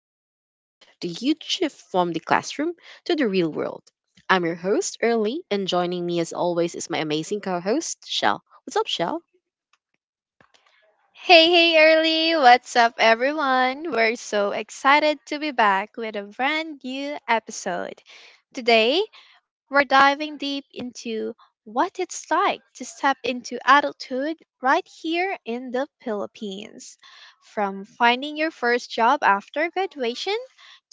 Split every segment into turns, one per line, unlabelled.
talk about the huge shift from the classroom to the real world. I'm your host, Early, and joining me as always is my amazing co host, Shell. What's up, Shell?
Hey, hey, Early! What's up, everyone? We're so excited to be back with a brand new episode. Today, we're diving deep into what it's like to step into adulthood right here in the Philippines. From finding your first job after graduation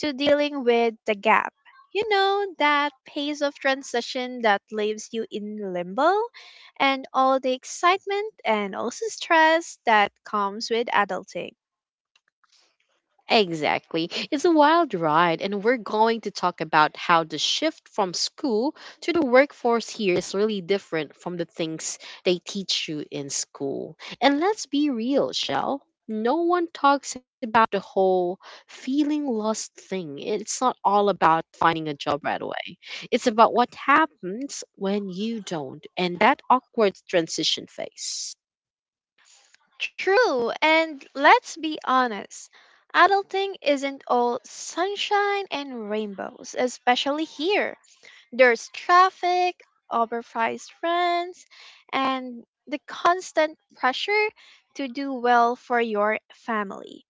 to dealing with the gap. You know, that phase of transition that leaves you in limbo? And all the excitement and also stress that comes with adulting.
Exactly. It's a wild ride, and we're going to talk about how the shift from school to the workforce here is really different from the things they teach you in school. And let's be real, Shell. No one talks about the whole feeling lost thing. It's not all about finding a job right away, it's about what happens when you don't and that awkward transition phase.
True, and let's be honest, adulting isn't all sunshine and rainbows, especially here. There's traffic, overpriced rents, and the constant pressure to do well for your family.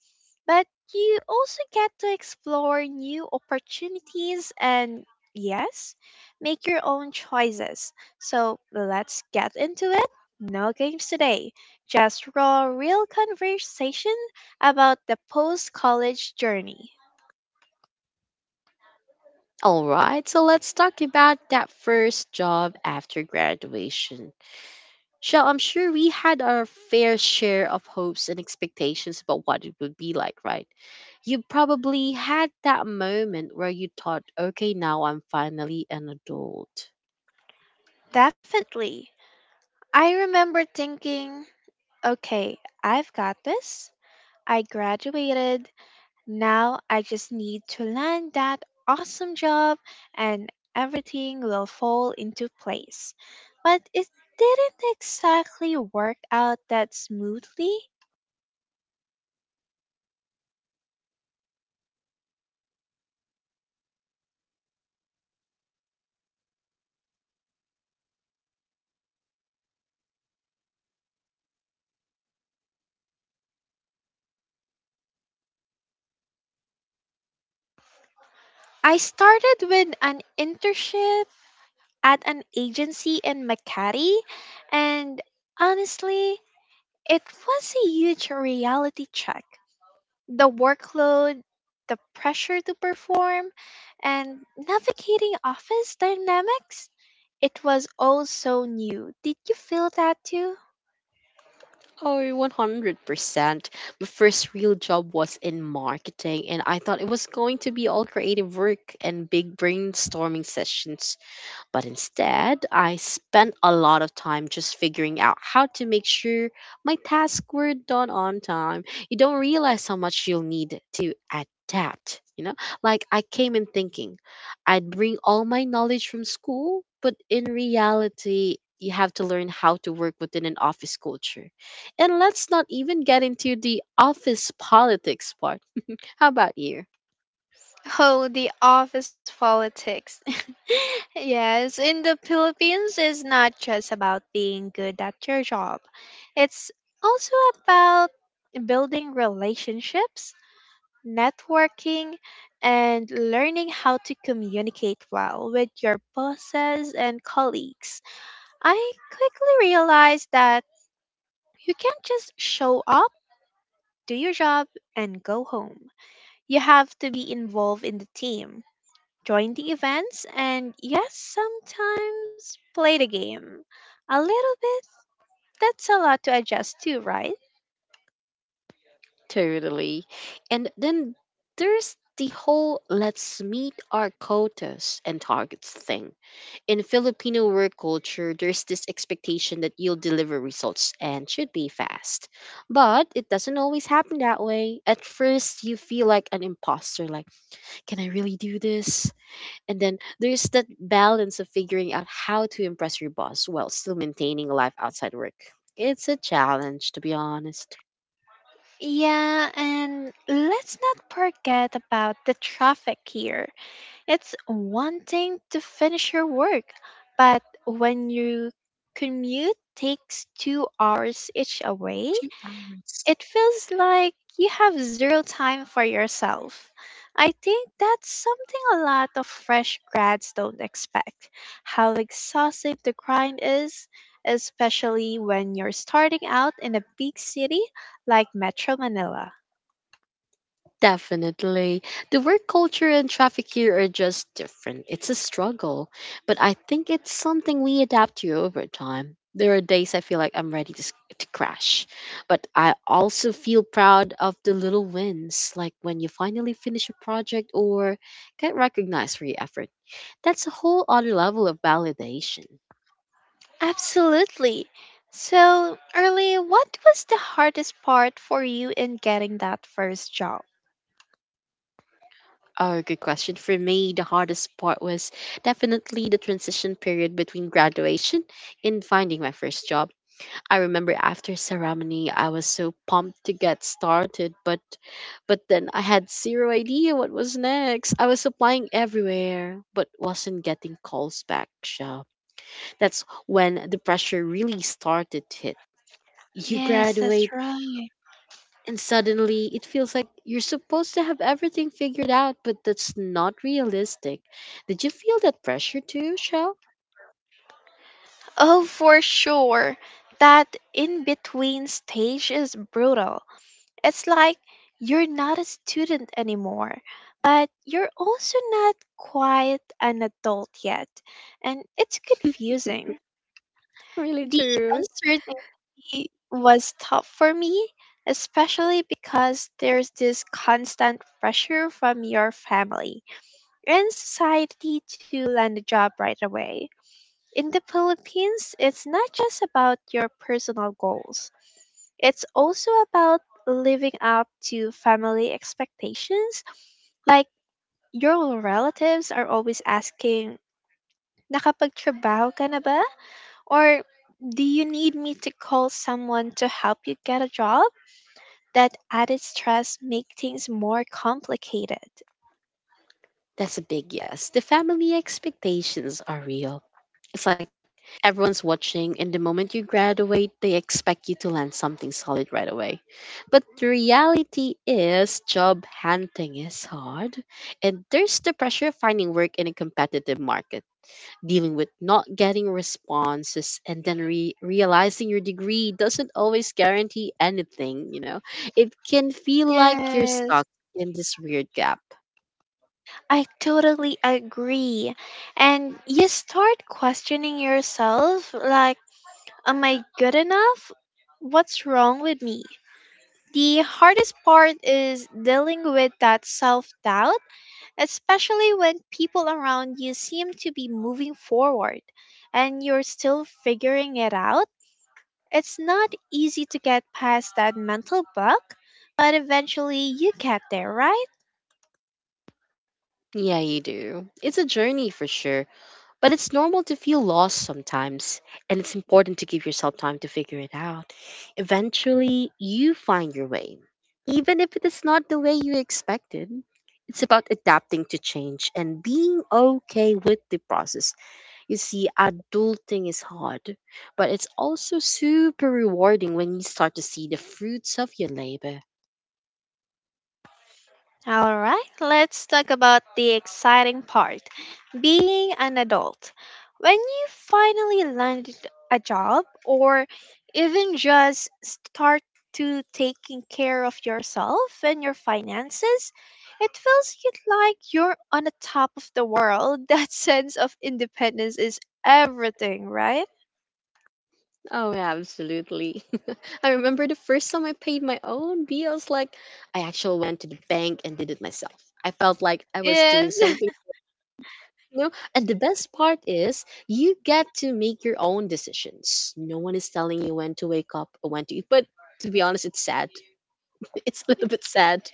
But you also get to explore new opportunities and, yes, make your own choices. So let's get into it. No games today, just raw, real conversation about the post college journey.
All right, so let's talk about that first job after graduation. So I'm sure we had our fair share of hopes and expectations about what it would be like, right? You probably had that moment where you thought, okay, now I'm finally an adult.
Definitely. I remember thinking, okay, I've got this. I graduated. Now I just need to land that awesome job and everything will fall into place. But it didn't exactly work out that smoothly. I started with an internship at an agency in Makati, and honestly, it was a huge reality check. The workload, the pressure to perform, and navigating office dynamics. It was all so new. Did you feel that too?
Oh, 100%. My first real job was in marketing, and I thought it was going to be all creative work and big brainstorming sessions. But instead, I spent a lot of time just figuring out how to make sure my tasks were done on time. You don't realize how much you'll need to adapt, you know? Like I came in thinking I'd bring all my knowledge from school, but in reality, you have to learn how to work within an office culture. And let's not even get into the office politics part. How about you?
Oh, the office politics. Yes, in the Philippines, it's not just about being good at your job, it's also about building relationships networking, and learning how to communicate well with your bosses and colleagues. I quickly realized that you can't just show up, do your job, and go home. You have to be involved in the team, join the events, and yes, sometimes play the game. A little bit, that's a lot to adjust to, right?
Totally. And then there's the whole let's meet our quotas and targets thing. In Filipino work culture, there's this expectation that you'll deliver results and should be fast. But it doesn't always happen that way. At first, you feel like an imposter, like, can I really do this? And then there's that balance of figuring out how to impress your boss while still maintaining a life outside work. It's a challenge, to be honest.
Yeah, and let's not forget about the traffic here. It's one thing to finish your work, but when your commute takes 2 hours each way,
2 hours.
it feels like you have zero time for yourself. I think that's something a lot of fresh grads don't expect how exhaustive the grind is, especially when you're starting out in a big city like Metro Manila.
Definitely. The work culture and traffic here are just different. It's a struggle, but I think it's something we adapt to over time. There are days I feel like I'm ready to, to crash, but I also feel proud of the little wins, like when you finally finish a project or get recognized for your effort. That's a whole other level of validation.
Absolutely. So, early, what was the hardest part for you in getting that first job?
Oh, good question. For me, the hardest part was definitely the transition period between graduation and finding my first job. I remember after ceremony, I was so pumped to get started, but then I had zero idea what was next. I was applying everywhere, but wasn't getting calls back. So that's when the pressure really started to hit. You
Yes, that's
graduate,
right.
and suddenly it feels like you're supposed to have everything figured out, but that's not realistic. Did you feel that pressure too, Shell?
Oh, for sure. That in between stage is brutal. It's like you're not a student anymore, but you're also not quite an adult yet, and it's confusing.
Really
The
true.
uncertainty was tough for me, especially because there's this constant pressure from your family and society to land a job right away. In the Philippines, it's not just about your personal goals. It's also about living up to family expectations. Like, your relatives are always asking, nakapagtrabaho ka na ba? Or, do you need me to call someone to help you get a job? That added stress make things more complicated.
That's a big yes. The family expectations are real. It's like everyone's watching, and the moment you graduate, they expect you to land something solid right away. But the reality is, job hunting is hard, and there's the pressure of finding work in a competitive market, dealing with not getting responses, and then realizing your degree doesn't always guarantee anything, you know? It can feel like you're
Yes.
stuck in this weird gap.
I totally agree. And you start questioning yourself like, am I good enough? What's wrong with me? The hardest part is dealing with that self doubt, especially when people around you seem to be moving forward and you're still figuring it out. It's not easy to get past that mental block, but eventually you get there, right?
Yeah, you do. It's a journey for sure, but it's normal to feel lost sometimes, and it's important to give yourself time to figure it out. Eventually, you find your way, even if it is not the way you expected. It's about adapting to change and being okay with the process. You see, adulting is hard, but it's also super rewarding when you start to see the fruits of your labor.
Alright, let's talk about the exciting part being an adult. When you finally landed a job or even just start to taking care of yourself and your finances, it feels you like you're on the top of the world. That sense of independence is everything, right?
Oh, yeah, absolutely. I remember the first time I paid my own bills, like I actually went to the bank and did it myself. I felt like I was doing
Yes.
something, you know. And the best part is, you get to make your own decisions. No one is telling you when to wake up or when to eat. But to be honest, it's sad. It's a little bit sad.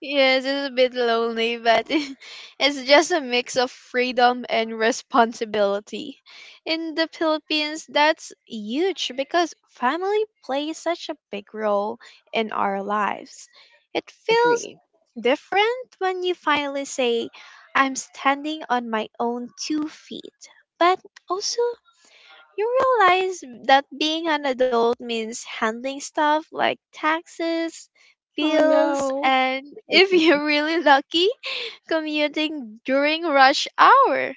Yes, it's a bit lonely, but it's just a mix of freedom and responsibility. In the Philippines, that's huge because family plays such a big role in our lives. It feels
Agree.
different when you finally say, I'm standing on my own two feet, but also you realize that being an adult means handling stuff like taxes,
Oh
bills,
no.
and if you're really lucky, commuting during rush hour.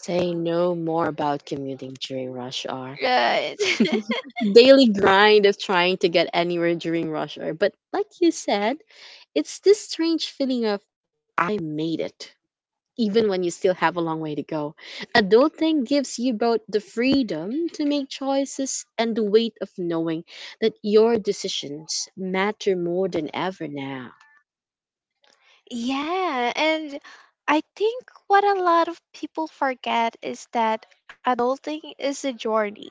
Say no more about commuting during rush hour.
Right.
Daily grind of trying to get anywhere during rush hour. But like you said, it's this strange feeling of I made it, even when you still have a long way to go. Adulting gives you both the freedom to make choices and the weight of knowing that your decisions matter more than ever now.
Yeah, and I think what a lot of people forget is that adulting is a journey.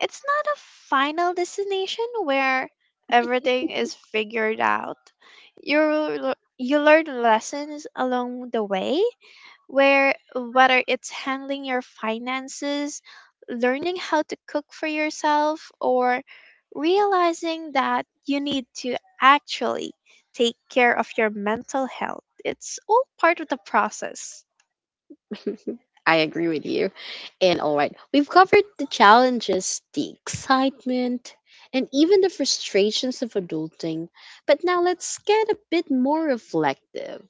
It's not a final destination where everything is figured out. You learn lessons along the way where whether it's handling your finances, learning how to cook for yourself, or realizing that you need to actually take care of your mental health. It's all part of the process.
I agree with you. And all right, we've covered the challenges, the excitement, and even the frustrations of adulting. But now let's get a bit more reflective.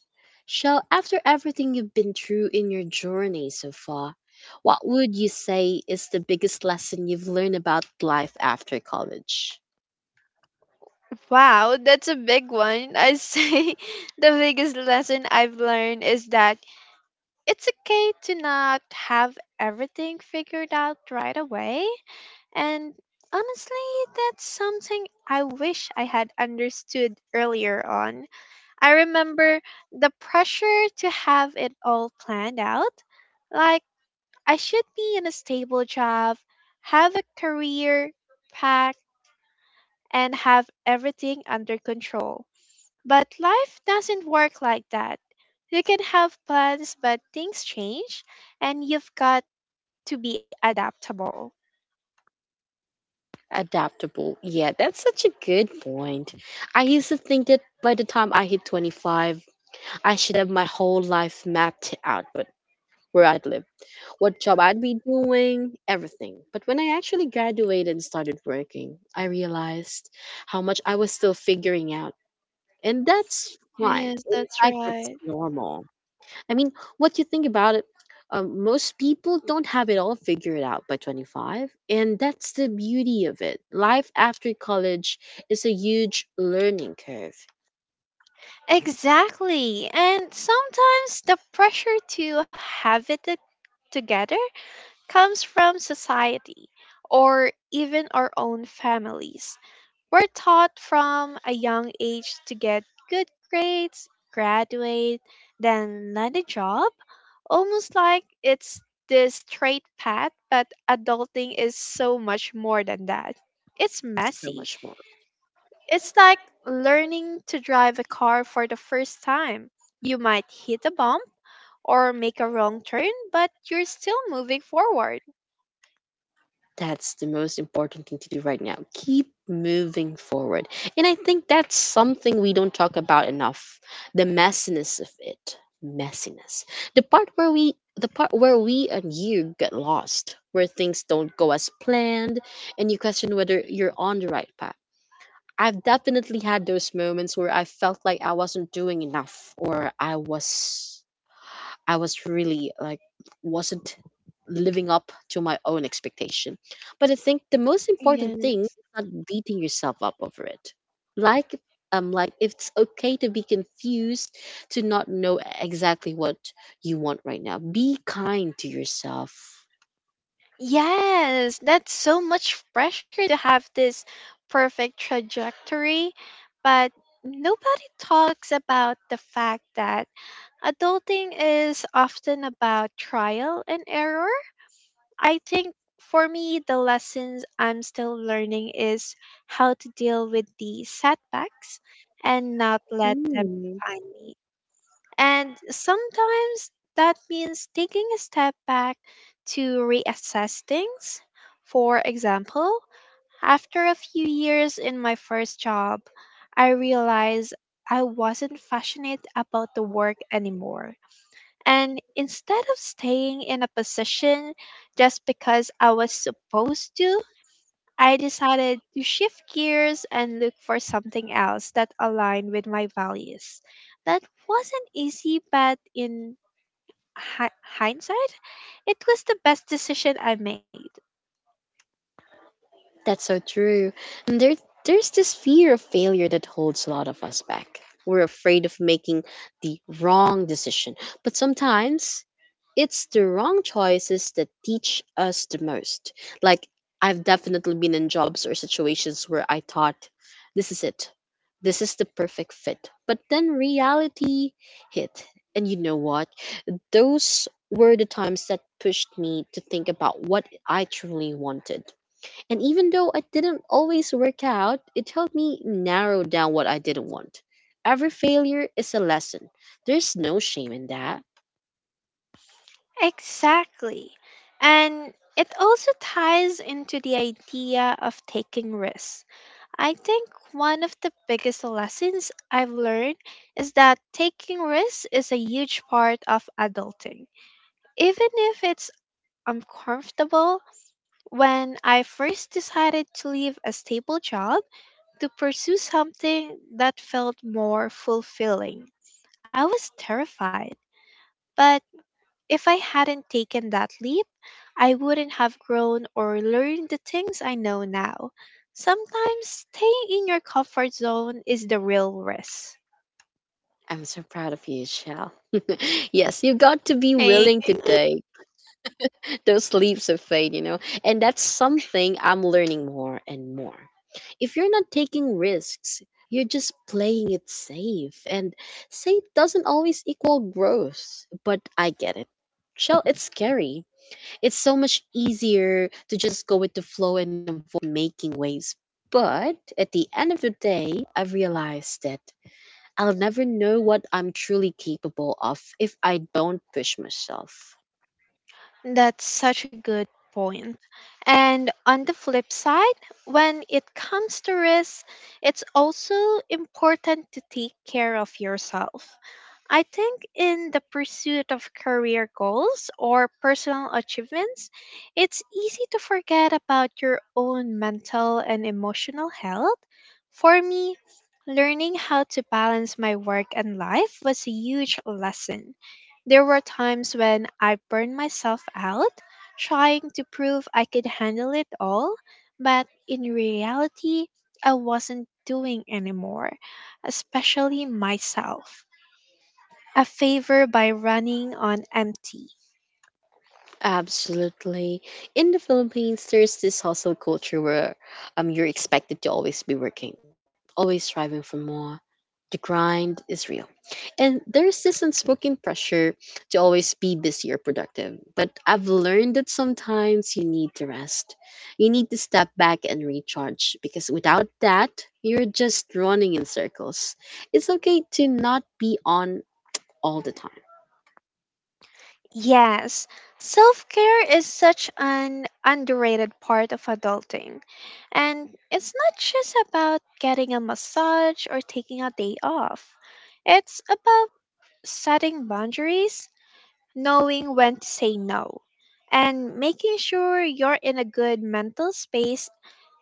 Shell, after everything you've been through in your journey so far, what would you say is the biggest lesson you've learned about life after college?
Wow, that's a big one. I say the biggest lesson I've learned is that it's okay to not have everything figured out right away. And honestly, that's something I wish I had understood earlier on. I remember the pressure to have it all planned out. Like, I should be in a stable job, have a career path, and have everything under control. But life doesn't work like that. You can have plans, but things change, and you've got to be adaptable.
Adaptable. Yeah, that's such a good point. I used to think that by the time I hit 25, I should have my whole life mapped out. Where I'd live, what job I'd be doing, everything. But when I actually graduated and started working, I realized how much I was still figuring out. And that's fine.
Yes,
In
that's
fact, that's
right.
normal. I mean, what you think about it, most people don't have it all figured out by 25. And that's the beauty of it. Life after college is a huge learning curve.
Exactly. And sometimes the pressure to have it to- together comes from society or even our own families. We're taught from a young age to get good grades, graduate, then land a job, almost like it's this straight path, but adulting is so much more than that. It's
So
messy
much more.
it's like learning to drive a car for the first time. You might hit a bump or make a wrong turn, but you're still moving forward.
That's the most important thing to do right now. Keep moving forward. And I think that's something we don't talk about enough. The messiness of it. Messiness. The part where we and you get lost, where things don't go as planned and you question whether you're on the right path. I've definitely had those moments where I felt like I wasn't doing enough or I was really like wasn't living up to my own expectation. But I think the most important thing
Yes.
is not beating yourself up over it. Like like it's okay to be confused, to not know exactly what you want right now. Be kind to yourself.
Yes, that's so much pressure to have this perfect trajectory, but nobody talks about the fact that adulting is often about trial and error. I think for me, the lessons I'm still learning is how to deal with the setbacks and not let them
Mm,
define me. And sometimes that means taking a step back to reassess things. For example, after a few years in my first job, I realized I wasn't passionate about the work anymore. And instead of staying in a position just because I was supposed to, I decided to shift gears and look for something else that aligned with my values. That wasn't easy, but in hindsight, it was the best decision I made.
that's so true. And there's this fear of failure that holds a lot of us back. We're afraid of making the wrong decision. But sometimes it's the wrong choices that teach us the most. Like, I've definitely been in jobs or situations where I thought, this is it, this is the perfect fit. But then reality hit. And you know what? Those were the times that pushed me to think about what I truly wanted. And even though I didn't always work out, it helped me narrow down what I didn't want. Every failure is a lesson. There's no shame in that.
Exactly. And it also ties into the idea of taking risks. I think one of the biggest lessons I've learned is that taking risks is a huge part of adulting. Even if it's uncomfortable, when I first decided to leave a stable job to pursue something that felt more fulfilling, I was terrified. But if I hadn't taken that leap, I wouldn't have grown or learned the things I know now. Sometimes staying in your comfort zone is the real risk.
I'm so proud of you, Shell. Yes, you got to be
I
willing to take those leaps of faith, you know, and that's something I'm learning more and more. If you're not taking risks, you're just playing it safe, and safe doesn't always equal growth, but I get it. Shell, it's scary. It's so much easier to just go with the flow and avoid making waves. But at the end of the day, I've realized that I'll never know what I'm truly capable of if I don't push myself.
that's such a good point. And on the flip side, when it comes to risk, it's also important to take care of yourself. I think in the pursuit of career goals or personal achievements, it's easy to forget about your own mental and emotional health. For me, learning how to balance my work and life was a huge lesson. There were times when I burned myself out trying to prove I could handle it all, but in reality, I wasn't doing anymore, especially myself a favor by running on empty.
Absolutely. In the Philippines, there's this hustle culture where you're expected to always be working, always striving for more. The grind is real. And there's this unspoken pressure to always be busy or productive. But I've learned that sometimes you need to rest. You need to step back and recharge because without that, you're just running in circles. It's okay to not be on all the time.
Yes, self care is such an underrated part of adulting. And it's not just about getting a massage or taking a day off, it's about setting boundaries, knowing when to say no, and making sure you're in a good mental space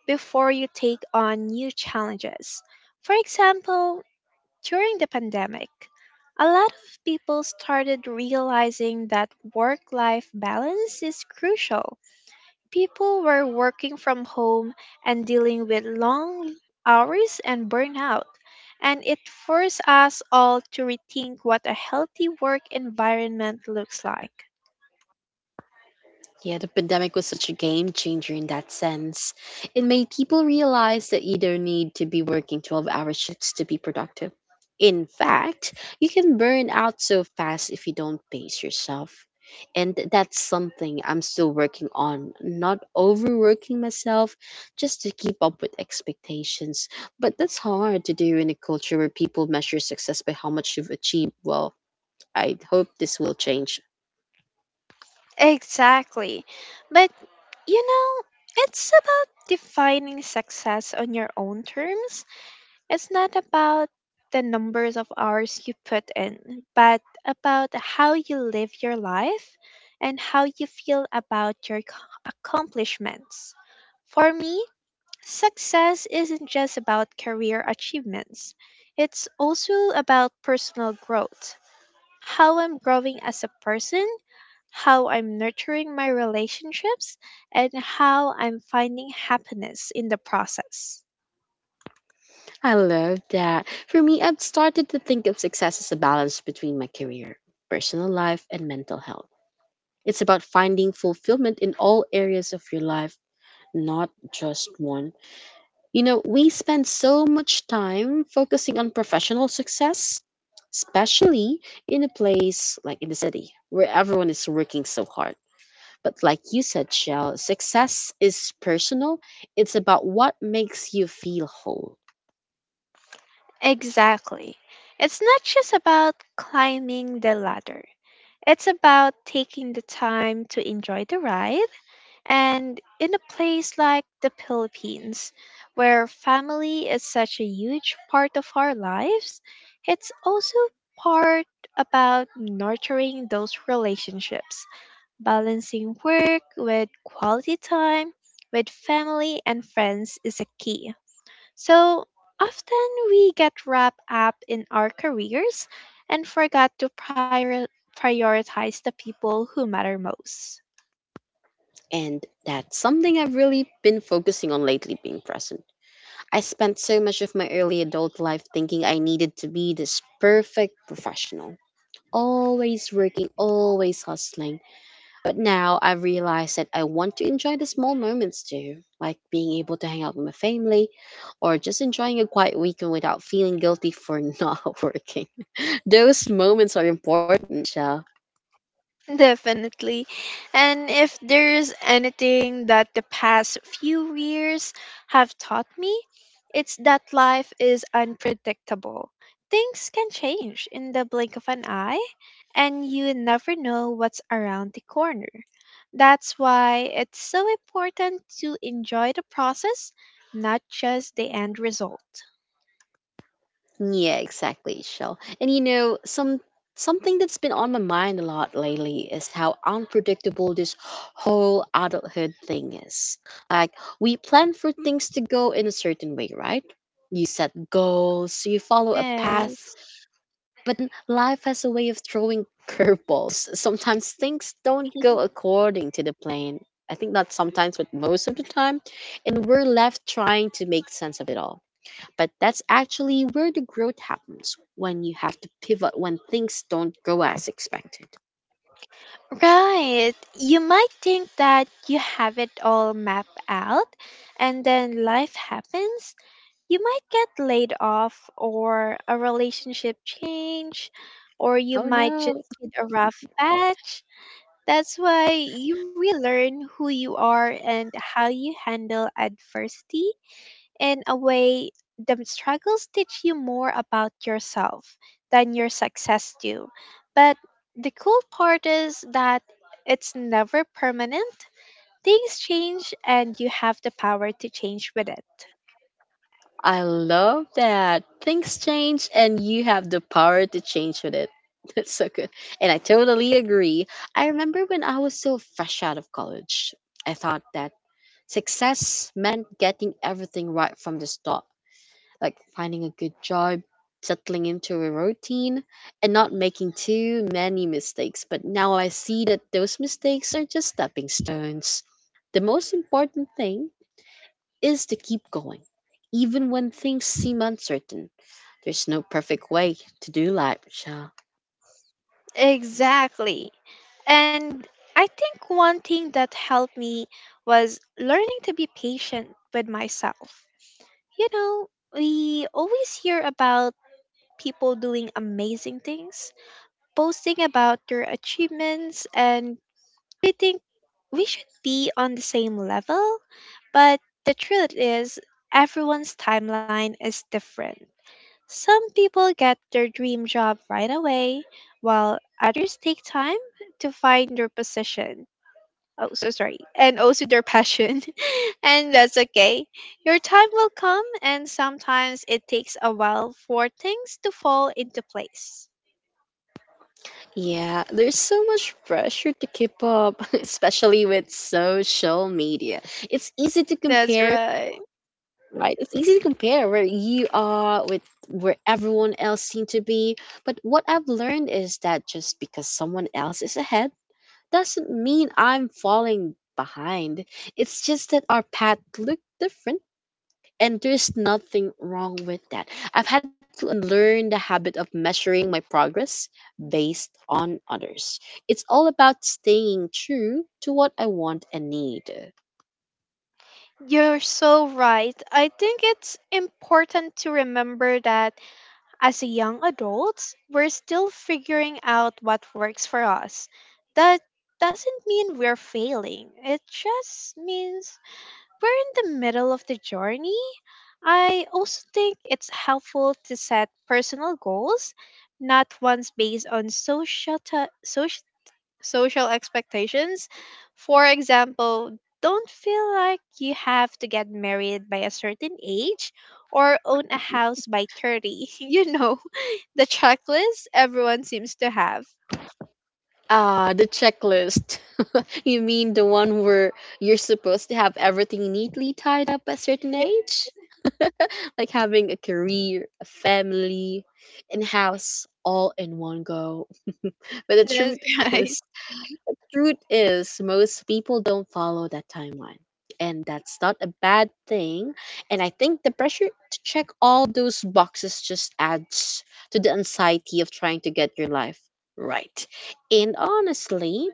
before you take on new challenges. For example, during the pandemic, a lot of people started realizing that work life balance is crucial. People were working from home and dealing with long hours and burnout, and it forced us all to rethink what a healthy work environment looks like.
Yeah, the pandemic was such a game changer in that sense. It made people realize that you don't need to be working 12-hour shifts to be productive. In fact, you can burn out so fast if you don't pace yourself. And that's something I'm still working on, not overworking myself just to keep up with expectations. But that's hard to do in a culture where people measure success by how much you've achieved. Well, I hope this will change.
Exactly. But, you know, it's about defining success on your own terms. It's not about the numbers of hours you put in, but about how you live your life and how you feel about your accomplishments. For me, success isn't just about career achievements, it's also about personal growth. How I'm growing as a person, how I'm nurturing my relationships, and how I'm finding happiness in the process.
I love that. For me, I've started to think of success as a balance between my career, personal life, and mental health. It's about finding fulfillment in all areas of your life, not just one. You know, we spend so much time focusing on professional success, especially in a place like in the city where everyone is working so hard. But like you said, Shell, success is personal. It's about what makes you feel whole.
Exactly. It's not just about climbing the ladder. It's about taking the time to enjoy the ride. And in a place like the Philippines, where family is such a huge part of our lives, it's also part about nurturing those relationships, balancing work with quality time with family and friends is a key. So often we get wrapped up in our careers and forgot to prioritize the people who matter most.
And that's something I've really been focusing on lately being present. I spent so much of my early adult life thinking I needed to be this perfect professional, always working, always hustling. But now I've realized that I want to enjoy the small moments too, like being able to hang out with my family or just enjoying a quiet weekend without feeling guilty for not working. Those moments are important, Michelle.
Definitely. And if there's anything that the past few years have taught me, it's that life is unpredictable. Things can change in the blink of an eye, and you never know what's around the corner. That's why it's so important to enjoy the process, not just the end result.
Yeah, exactly, Shell. And you know, some Something that's been on my mind a lot lately is how unpredictable this whole adulthood thing is. Like we plan for things to go in a certain way, right? You set goals, you follow a path,
Yes.
but then life has a way of throwing curveballs. Sometimes things don't go according to the plan. I think not sometimes, but most of the time, and we're left trying to make sense of it all, but that's actually where the growth happens, when you have to pivot, when things don't go as expected.
Right. You might think that you have it all mapped out, and then life happens. You might get laid off, or a relationship change, or you
Oh
might just
no.
hit a rough patch. That's why you really learn who you are and how you handle adversity in a way, the struggles teach you more about yourself than your success do. But the cool part is that it's never permanent. Things change and you have the power to change with it.
I love that. Things change and you have the power to change with it. That's so good. And I totally agree. I remember when I was so fresh out of college, I thought that success meant getting everything right from the start, like finding a good job, settling into a routine, and not making too many mistakes. But now I see that those mistakes are just stepping stones. The most important thing is to keep going, even when things seem uncertain. There's no perfect way to do life, Michelle.
Exactly. And I think one thing that helped me was learning to be patient with myself. You know, we always hear about people doing amazing things, posting about your achievements, and we think we should be on the same level. But the truth is, everyone's timeline is different. Some people get their dream job right away, while others take time to find their position. Oh, so sorry. And also their passion. And that's okay. Your time will come, and sometimes it takes a while for things to fall into place.
Yeah, there's so much pressure to keep up, especially with social media. It's easy to
That's
compare.
right.
Right, it's easy to compare where you are with where everyone else seemed to be, but what I've learned is that just because someone else is ahead doesn't mean I'm falling behind. It's just that our path looked different, and there's nothing wrong with that. I've had to learn the habit of measuring my progress based on others. It's all about staying true to what I want and need.
You're so right. I think it's important to remember that as a young adults, we're still figuring out what works for us. That doesn't mean we're failing. It just means we're in the middle of the journey. I also think it's helpful to set personal goals, not ones based on social expectations. For example, don't feel like you have to get married by a certain age or own a house by 30. You know, the checklist everyone seems to have.
Ah, the checklist. You mean the one where you're supposed to have everything neatly tied up at a
Yeah,
certain age? Like having a career, a family, and house all in one go. But the
that's right.
is, truth is most people don't follow that timeline. And that's not a bad thing. And I think the pressure to check all those boxes just adds to the anxiety of trying to get your life right. And honestly,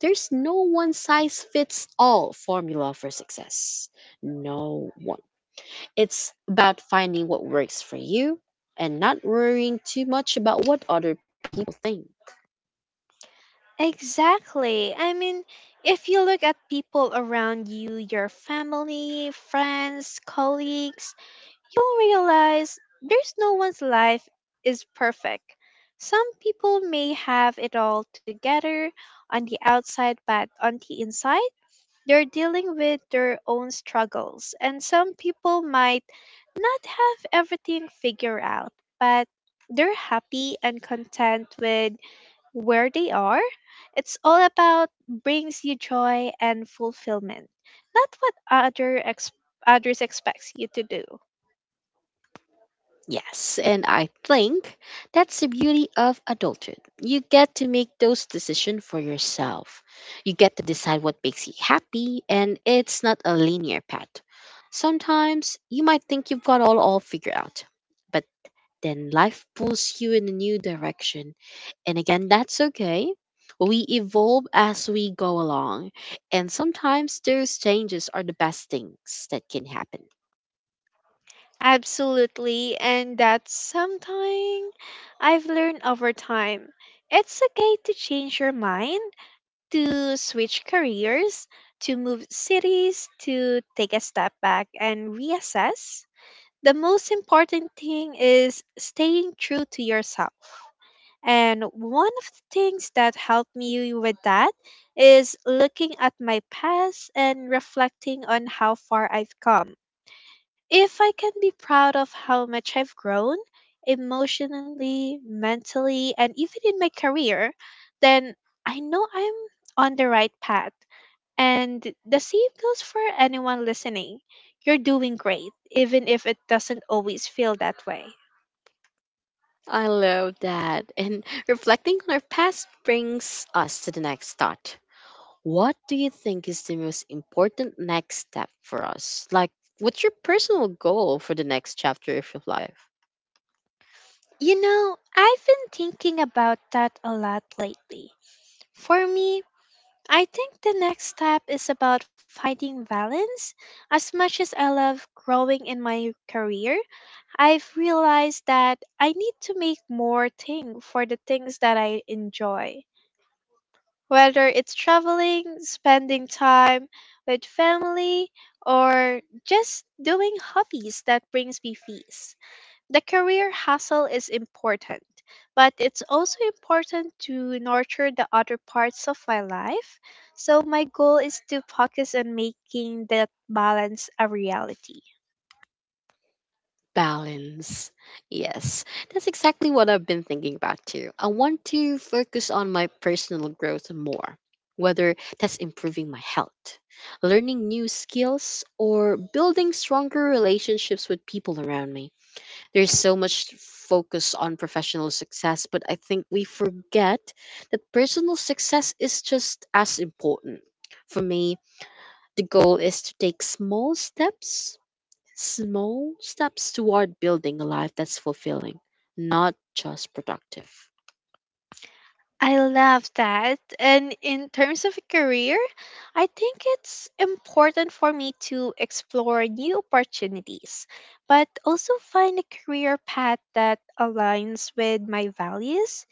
there's no one size fits all formula for success. No one. It's about finding what works for you and not worrying too much about what other people think.
Exactly. I mean, if you look at people around you, your family, friends, colleagues, you'll realize there's no one's life is perfect. Some people may have it all together on the outside, but on the inside, they're dealing with their own struggles. And some people might not have everything figured out, but they're happy and content with where they are. It's all about brings you joy and fulfillment, not what others expects you to do.
Yes, and I think that's the beauty of adulthood. You get to make those decisions for yourself. You get to decide what makes you happy, and it's not a linear path. Sometimes you might think you've got all figured out, but then life pulls you in a new direction. And again, that's okay. We evolve as we go along, and sometimes those changes are the best things that can happen.
Absolutely, and that's something I've learned over time. It's okay to change your mind, to switch careers, to move cities, to take a step back and reassess. The most important thing is staying true to yourself. And one of the things that helped me with that is looking at my past and reflecting on how far I've come. If I can be proud of how much I've grown emotionally, mentally, and even in my career, then I know I'm on the right path. And the same goes for anyone listening. You're doing great, even if it doesn't always feel that way.
I love that. And reflecting on our past brings us to the next thought. What do you think is the most important next step for us? Like, what's your personal goal for the next chapter of your life?
You know, I've been thinking about that a lot lately. For me, I think the next step is about finding balance. As much as I love growing in my career, I've realized that I need to make more thing for the things that I enjoy. Whether it's traveling, spending time with family, or just doing hobbies that brings me peace. The career hustle is important, but it's also important to nurture the other parts of my life. So my goal is to focus on making that balance a reality.
Balance. Yes, that's exactly what I've been thinking about too. I want to focus on my personal growth more, whether that's improving my health, learning new skills, or building stronger relationships with people around me. There's so much focus on professional success, but I think we forget that personal success is just as important. For me, the goal is to take small steps. Small steps toward building a life that's fulfilling, not just productive.
I love that. And in terms of career, I think it's important for me to explore new opportunities, but also find a career path that aligns with my values.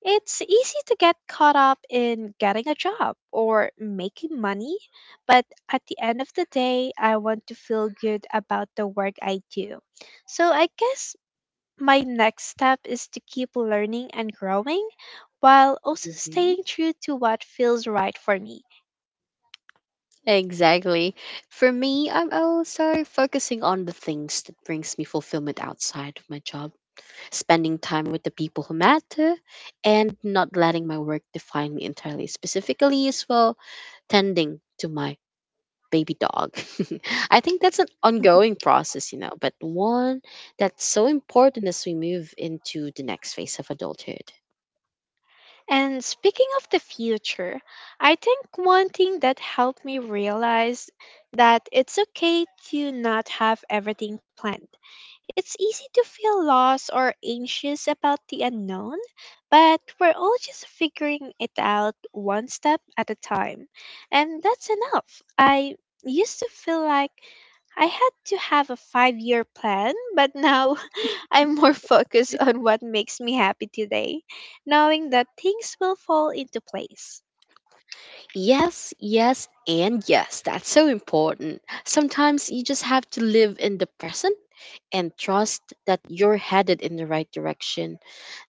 It's easy to get caught up in getting a job or making money, but at the end of the day, I want to feel good about the work I do. So I guess my next step is to keep learning and growing while also
Hmm.
staying true to what feels right for me.
Exactly. For me, I'm also focusing on the things that brings me fulfillment outside of my job, spending time with the people who matter, and not letting my work define me entirely. Specifically, as well, tending to my baby dog. I think that's an
Mhm.
ongoing process, you know, but one that's so important as we move into the next phase of adulthood.
And speaking of the future, I think one thing that helped me realize that it's okay to not have everything planned. It's easy to feel lost or anxious about the unknown, but we're all just figuring it out one step at a time. And that's enough. I used to feel like I had to have a 5-year plan, but now I'm more focused on what makes me happy today, knowing that things will fall into place.
Yes, yes, and yes. That's so important. Sometimes you just have to live in the present and trust that you're headed in the right direction.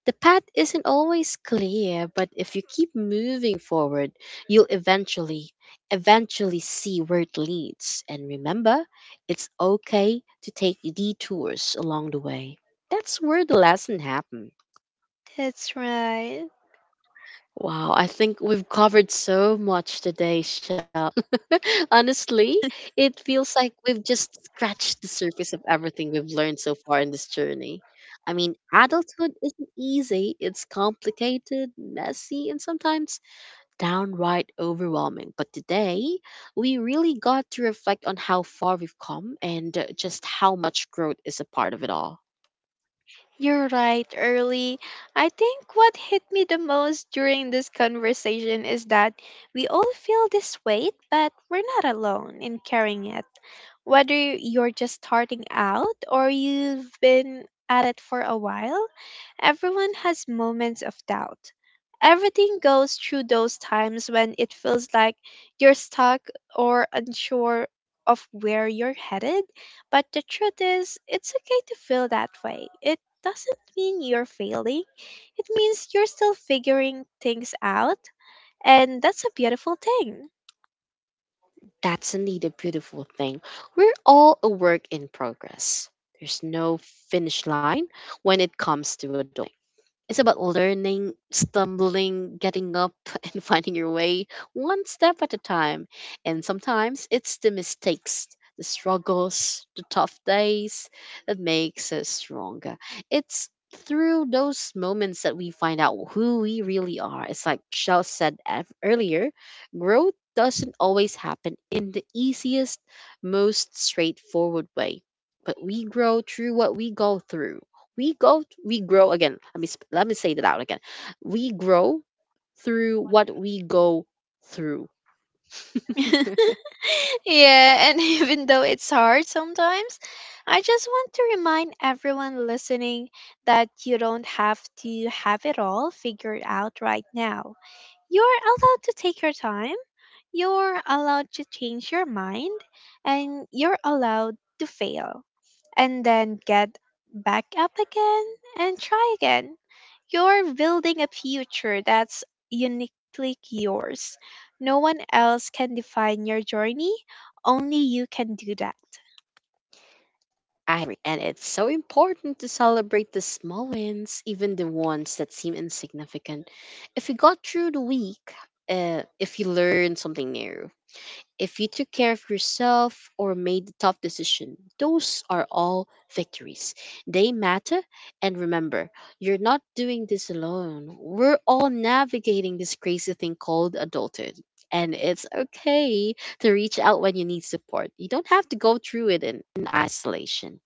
The path isn't always clear, but if you keep moving forward, you'll eventually see where it leads. And remember, it's okay to take detours along the way. That's where the lesson happens.
That's right.
Wow, I think we've covered so much today, Shell. Honestly, it feels like we've just scratched the surface of everything we've learned so far in this journey. I mean, adulthood isn't easy, it's complicated, messy, and sometimes downright overwhelming. But today, we really got to reflect on how far we've come and just how much growth is a part of it all.
You're right, Early. I think what hit me the most during this conversation is that we all feel this weight, but we're not alone in carrying it. Whether you're just starting out or you've been at it for a while, everyone has moments of doubt. Everything goes through those times when it feels like you're stuck or unsure of where you're headed. But the truth is, it's okay to feel that way. It doesn't mean you're failing, it means you're still figuring things out, and that's a beautiful thing.
That's indeed a beautiful thing. We're all a work in progress. There's no finish line when it comes to adulthood. It's about learning, stumbling, getting up, and finding your way one step at a time. And sometimes it's the mistakes, the struggles, the tough days that makes us stronger. It's through those moments that we find out who we really are. It's like Shell said earlier, growth doesn't always happen in the easiest, most straightforward way, but we grow through what we go through. We go we grow again let me sp- let me say that out again We grow through what we go through.
Yeah, and even though it's hard sometimes, I just want to remind everyone listening that you don't have to have it all figured out right now. You're allowed to take your time, you're allowed to change your mind, and you're allowed to fail and then get back up again and try again. You're building a future that's uniquely yours. No one else can define your journey, only you can do that.
I agree, and it's so important to celebrate the small wins, even the ones that seem insignificant. If you got through the week, if you learned something new, if you took care of yourself or made the tough decision, those are all victories. They matter. And remember, you're not doing this alone. We're all navigating this crazy thing called adulthood. And it's okay to reach out when you need support. You don't have to go through it in isolation.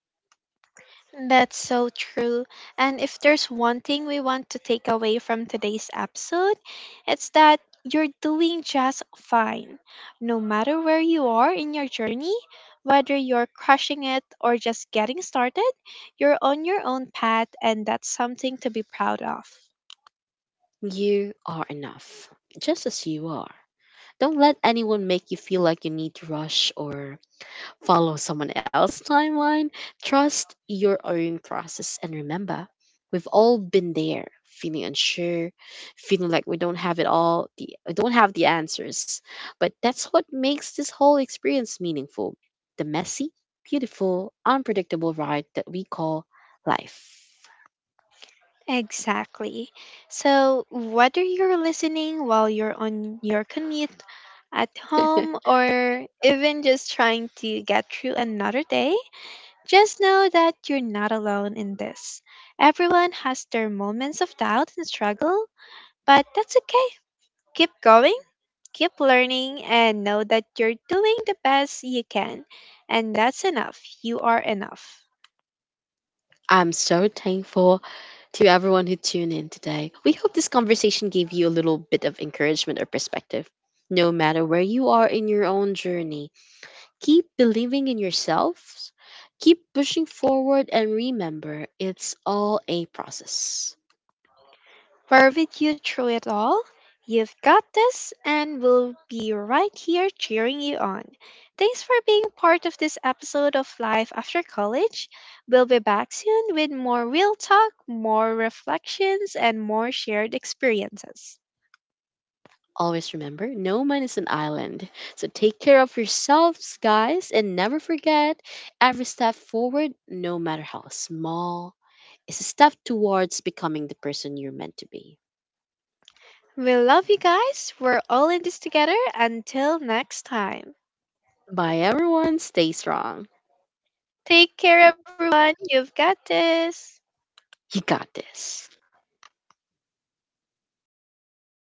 That's so true. And if there's one thing we want to take away from today's episode, it's that you're doing just fine. No matter where you are in your journey, whether you're crushing it or just getting started, you're on your own path, and that's something to be proud of.
You are enough, just as you are. Don't let anyone make you feel like you need to rush or follow someone else's timeline. Trust your own process. And remember, we've all been there, feeling unsure, feeling like we don't have it all, we don't have the answers. But that's what makes this whole experience meaningful: the messy, beautiful, unpredictable ride that we call life.
Exactly. So, whether you're listening while you're on your commute, at home, or even just trying to get through another day, just know that you're not alone in this. Everyone has their moments of doubt and struggle, but that's okay. Keep going, keep learning, and know that you're doing the best you can. And that's enough. You are enough.
I'm so thankful to everyone who tuned in today. We hope this conversation gave you a little bit of encouragement or perspective. No matter where you are in your own journey, keep believing in yourselves, keep pushing forward, and remember, it's all a process.
Fervid you through it all. You've got this, and we'll be right here cheering you on. Thanks for being part of this episode of Life After College. We'll be back soon with more real talk, more reflections, and more shared experiences.
Always remember, no man is an island. So take care of yourselves, guys, and never forget, every step forward, no matter how small, is a step towards becoming the person you're meant to be.
We love you guys. We're all in this together. Until next time.
Bye, everyone. Stay strong. You
Take care, everyone. You've got this.
got this.